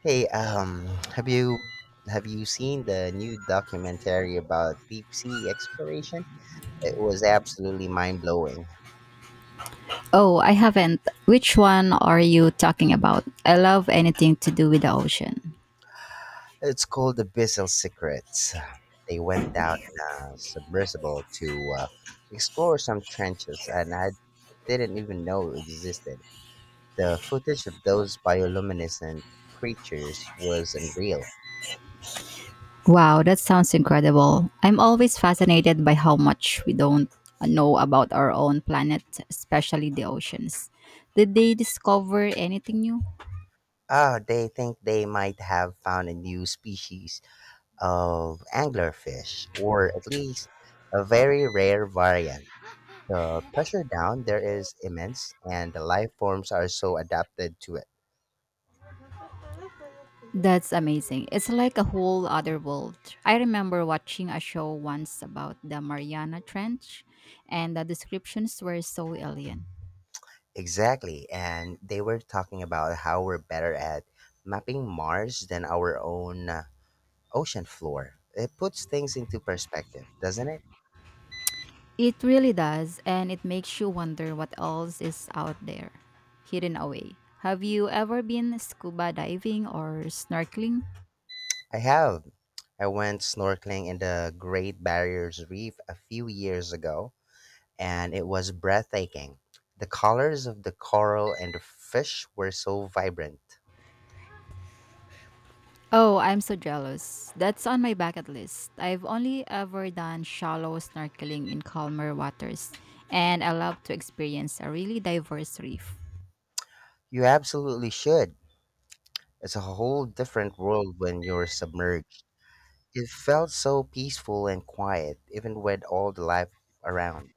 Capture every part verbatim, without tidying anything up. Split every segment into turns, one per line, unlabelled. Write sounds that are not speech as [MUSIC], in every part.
Hey, um, have you have you seen the new documentary about deep sea exploration? It was absolutely mind blowing.
Oh, I haven't. Which one are you talking about? I love anything to do with the ocean.
It's called The Bissell Secrets. They went down in a submersible to uh, explore some trenches, and I didn't even know existed. The footage of those bioluminescent creatures was unreal.
Wow, that sounds incredible. I'm always fascinated by how much we don't know about our own planet, especially the oceans. Did they discover anything new?
Oh, they think they might have found a new species of anglerfish, or at least a very rare variant. The pressure down there is immense, and the life forms are so adapted to it.
That's amazing. It's like a whole other world. I remember watching a show once about the Mariana Trench, and the descriptions were so alien.
Exactly, and they were talking about how we're better at mapping Mars than our own uh, ocean floor. It puts things into perspective, doesn't it?
It really does, and it makes you wonder what else is out there, hidden away. Have you ever been scuba diving or snorkeling?
I have. I went snorkeling in the Great Barrier Reef a few years ago, and it was breathtaking. The colors of the coral and the fish were so vibrant.
Oh, I'm so jealous. That's on my bucket list. I've only ever done shallow snorkeling in calmer waters, and I love to experience a really diverse reef.
You absolutely should. It's a whole different world when you're submerged. It felt so peaceful and quiet, even with all the life around.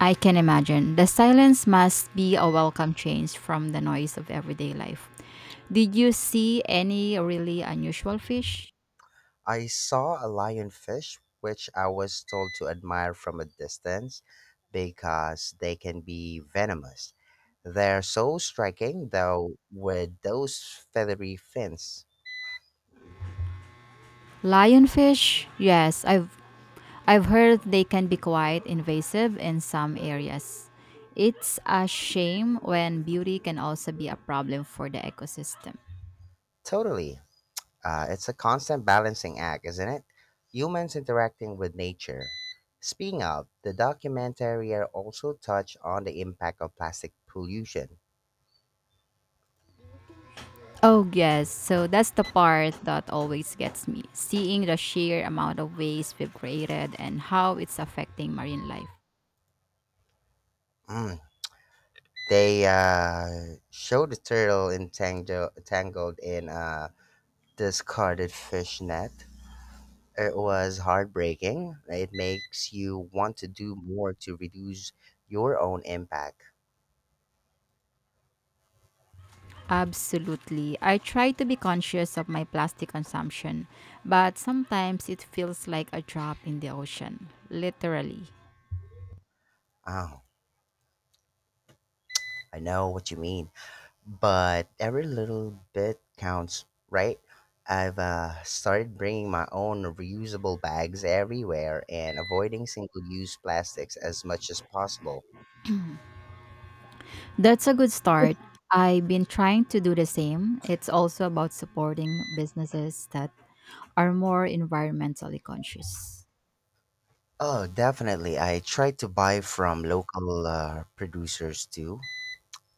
I can imagine. The silence must be a welcome change from the noise of everyday life. Did you see any really unusual fish?
I saw a lionfish, which I was told to admire from a distance because they can be venomous. They're so striking, though, with those feathery fins.
Lionfish, yes, I've I've heard they can be quite invasive in some areas. It's a shame when beauty can also be a problem for the ecosystem.
Totally. Uh, it's a constant balancing act, isn't it? Humans interacting with nature. Speaking of, the documentary also touched on the impact of plastic pollution.
Oh yes, so that's the part that always gets me. Seeing the sheer amount of waste we've created and how it's affecting marine life.
Mm, They uh, show the turtle entangled, tangled in a discarded fish net. It was heartbreaking. It makes you want to do more to reduce your own impact.
Absolutely. I try to be conscious of my plastic consumption, but sometimes it feels like a drop in the ocean, literally.
Oh, I know what you mean, but every little bit counts, right? I've uh, started bringing my own reusable bags everywhere and avoiding single use plastics as much as possible.
That's a good start. I've been trying to do the same. It's also about supporting businesses that are more environmentally conscious.
Oh, definitely. I try to buy from local uh, producers too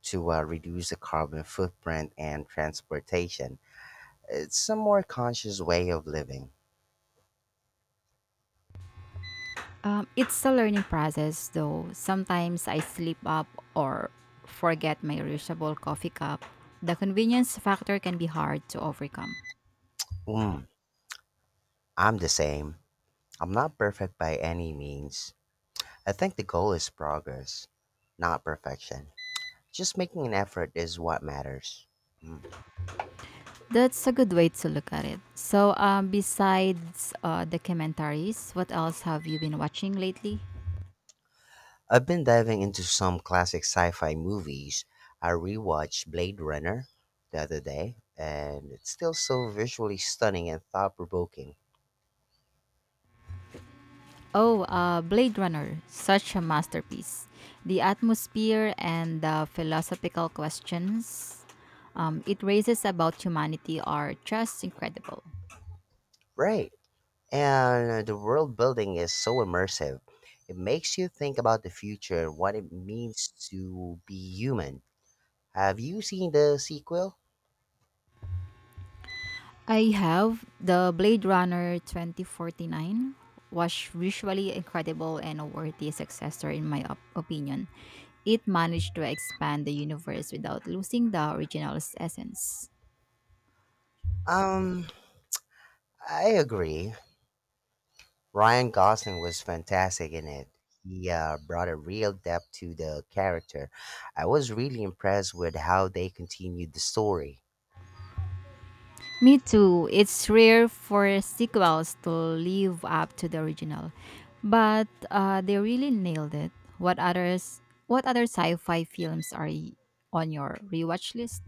to uh, reduce the carbon footprint and transportation. It's a more conscious way of living.
Um, it's a learning process, though. Sometimes I slip up or forget my reusable coffee cup. The convenience factor can be hard to overcome.
Mm, I'm the same. I'm not perfect by any means. I think the goal is progress, not perfection. Just making an effort is what matters. Mm.
That's a good way to look at it. So, um, besides uh, documentaries, what else have you been watching lately?
I've been diving into some classic sci fi movies. I rewatched Blade Runner the other day, and it's still so visually stunning and thought provoking.
Oh, uh, Blade Runner, such a masterpiece. The atmosphere and the philosophical questions um, it raises about humanity are just incredible.
Right. And uh, the world building is so immersive. It makes you think about the future and what it means to be human. Have you seen the sequel?
I have the Blade Runner twenty forty-nine was visually incredible and a worthy successor in my op- opinion. It managed to expand the universe without losing the original's essence.
Um, I agree. Ryan Gosling was fantastic in it. He uh, brought a real depth to the character. I was really impressed with how they continued the story.
Me too. It's rare for sequels to live up to the original, but uh, they really nailed it. What others? What other sci-fi films are y- on your rewatch list?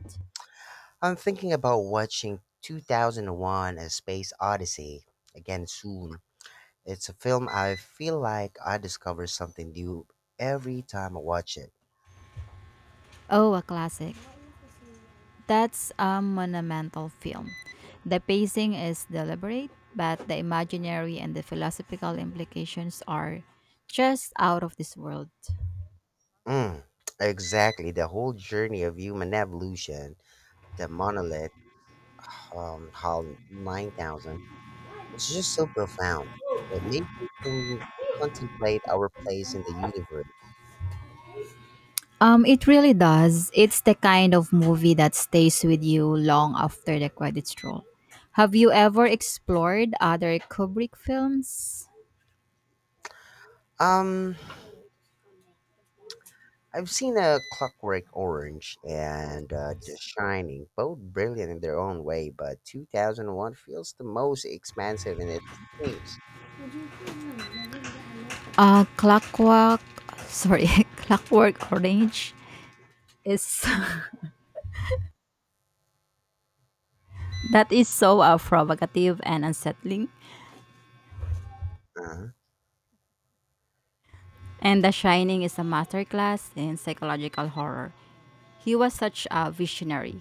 I'm thinking about watching two thousand one A Space Odyssey again soon. It's a film I feel like I discover something new every time I watch it.
Oh, a classic. That's a monumental film. The pacing is deliberate, but the imaginary and the philosophical implications are just out of this world.
Mm, exactly, the whole journey of human evolution, the monolith, um, how 9000. It's just so profound. It makes you con- contemplate our place in the universe.
Um, it really does. It's the kind of movie that stays with you long after the credits roll. Have you ever explored other Kubrick films?
Um, I've seen a Clockwork Orange and uh, The Shining, both brilliant in their own way, but two thousand one feels the most expansive in its themes.
Uh, Clockwork, sorry, [LAUGHS] Clockwork Orange is [LAUGHS] that is so uh, provocative and unsettling,
Uh-huh.
and The Shining is a masterclass in psychological horror. He was such a visionary.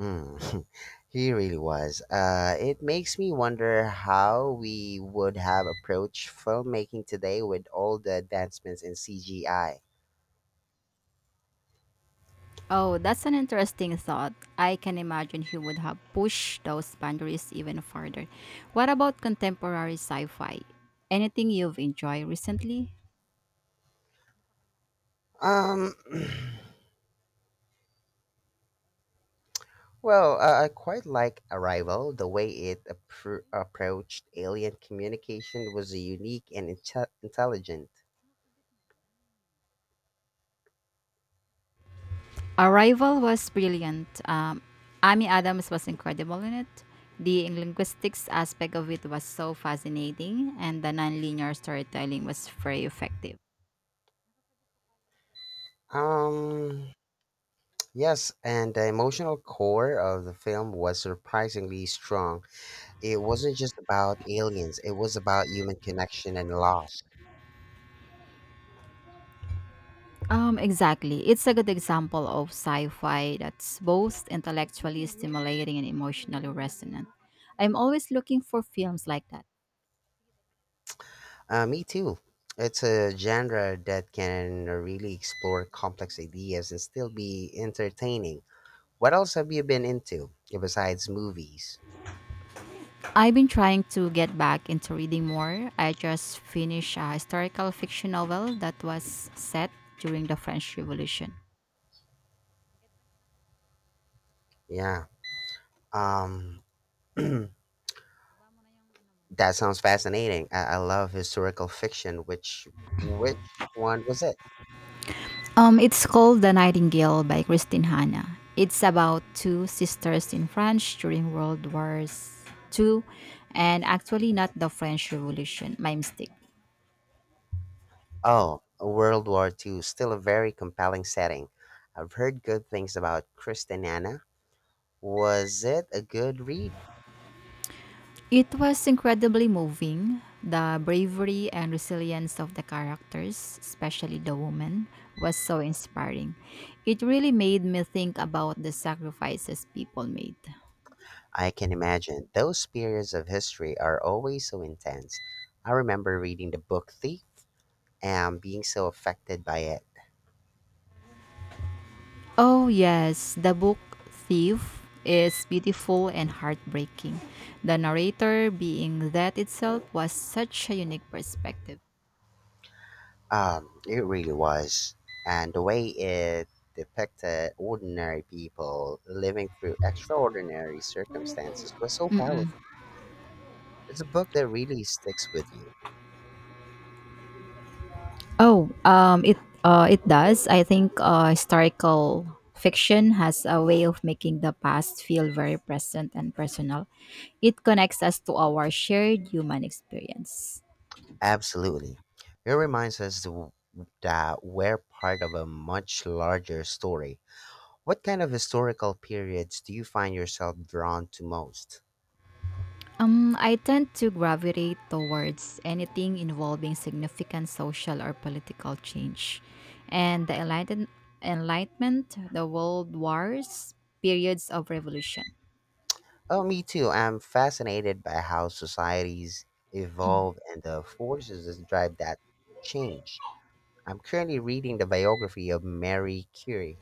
Mm. [LAUGHS] He really was. Uh, it makes me wonder how we would have approached filmmaking today with all the advancements in C G I.
Oh, that's an interesting thought. I can imagine he would have pushed those boundaries even further. What about contemporary sci fi? Anything you've enjoyed recently?
Um. [CLEARS THROAT] Well, uh, I quite like Arrival. The way it appro- approached alien communication was unique and inte- intelligent.
Arrival was brilliant. Um, Amy Adams was incredible in it. The linguistics aspect of it was so fascinating, and the nonlinear storytelling was very effective.
Um, yes, and the emotional core of the film was surprisingly strong. It wasn't just about aliens, it was about human connection and loss.
Um, exactly. It's a good example of sci-fi that's both intellectually stimulating and emotionally resonant. I'm always looking for films like that.
Uh, me too. It's a genre that can really explore complex ideas and still be entertaining. What else have you been into besides movies?
I've been trying to get back into reading more. I just finished a historical fiction novel that was set during the French Revolution.
Yeah. Um, [CLEARS THROAT] that sounds fascinating. I, I love historical fiction. Which which one was it?
Um, it's called The Nightingale by Christine Hanna. It's about two sisters in France during World Wars Two, and actually not the French Revolution. My mistake.
Oh, World War Two. Still a very compelling setting. I've heard good things about Christiana. Was it a good read?
It was incredibly moving. The bravery and resilience of the characters, especially the woman, was so inspiring. It really made me think about the sacrifices people made.
I can imagine. Those periods of history are always so intense. I remember reading the book Thief and being so affected by it.
Oh, yes, the book Thief is beautiful and heartbreaking. The narrator being that itself was such a unique perspective.
Um, it really was. And the way it depicted ordinary people living through extraordinary circumstances was so
Mm-mm.
powerful. It's a book that really sticks with you.
Oh, um, it uh, it does. I think uh, historical fiction has a way of making the past feel very present and personal. It connects us to our shared human experience.
Absolutely. It reminds us th- that we're part of a much larger story. What kind of historical periods do you find yourself drawn to most?
Um, I tend to gravitate towards anything involving significant social or political change, and the enlighten- enlightenment, the world wars, periods of revolution.
Oh, me too. I'm fascinated by how societies evolve and the forces that drive that change. I'm currently reading the biography of Marie Curie.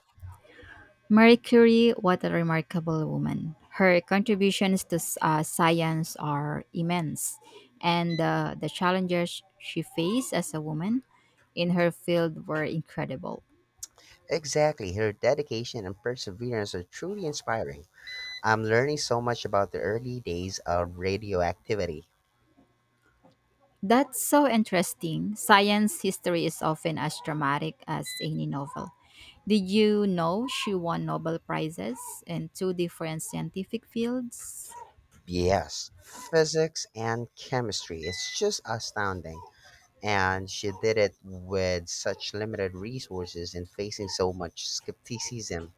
Marie Curie, what a remarkable woman. Her contributions to s- uh, science are immense, and uh, the challenges she faced as a woman in her field were incredible.
Exactly. Her dedication and perseverance are truly inspiring. I'm learning so much about the early days of radioactivity.
That's so interesting. Science history is often as dramatic as any novel. Did you know she won Nobel Prizes in two different scientific fields?
Yes, physics and chemistry. It's just astounding. And she did it with such limited resources and facing so much skepticism.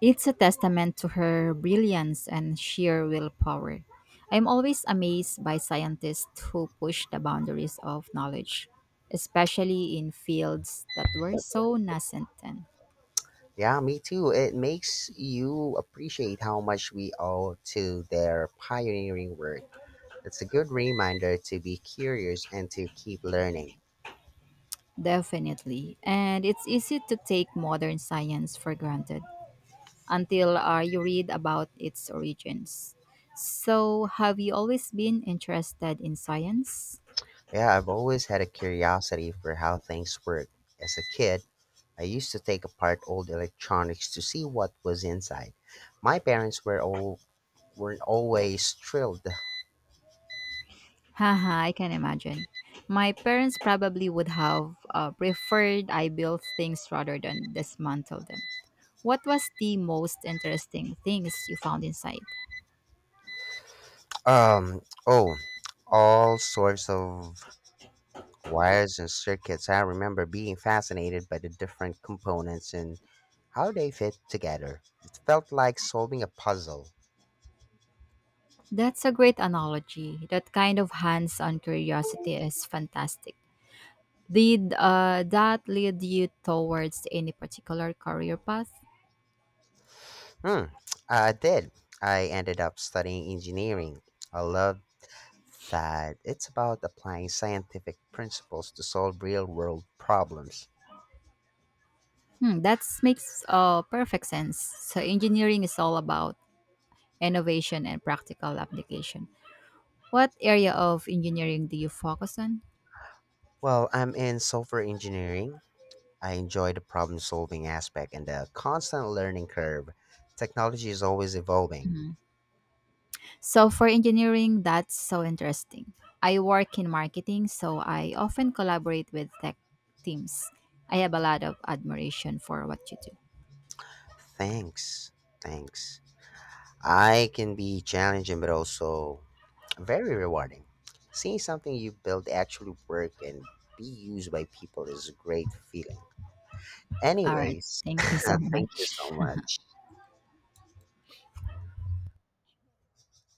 It's a testament to her brilliance and sheer willpower. I'm always amazed by scientists who push the boundaries of knowledge, especially in fields that were so nascent then.
Yeah, me too. It makes you appreciate how much we owe to their pioneering work. It's a good reminder to be curious and to keep learning.
Definitely. And it's easy to take modern science for granted until uh, you read about its origins. So, have you always been interested in science?
Yeah, I've always had a curiosity for how things work. As a kid, I used to take apart old electronics to see what was inside. My parents were all weren't always thrilled.
Haha, I can imagine. My parents probably would have uh, preferred I build things rather than dismantle them. What was the most interesting things you found inside?
Um, oh, all sorts of Wires and circuits. I remember being fascinated by the different components and how they fit together. It felt like solving a puzzle.
That's a great analogy. That kind of hands on curiosity is fantastic. Did uh, that lead you towards any particular career path?
Hmm, I did. I ended up studying engineering. I love that it's about applying scientific principles to solve real world problems.
Hmm, that makes uh, perfect sense. So, engineering is all about innovation and practical application. What area of engineering do you focus on?
Well, I'm in software engineering. I enjoy the problem solving aspect and the constant learning curve. Technology is always evolving.
Mhm. So, for engineering, that's so interesting. I work in marketing, so I often collaborate with tech teams. I have a lot of admiration for what you do.
Thanks. Thanks. I can be challenging but also very rewarding. Seeing something you build actually work and be used by people is a great feeling.
All right.
Anyways, [LAUGHS]
Thank you so
thank you so
much.
much.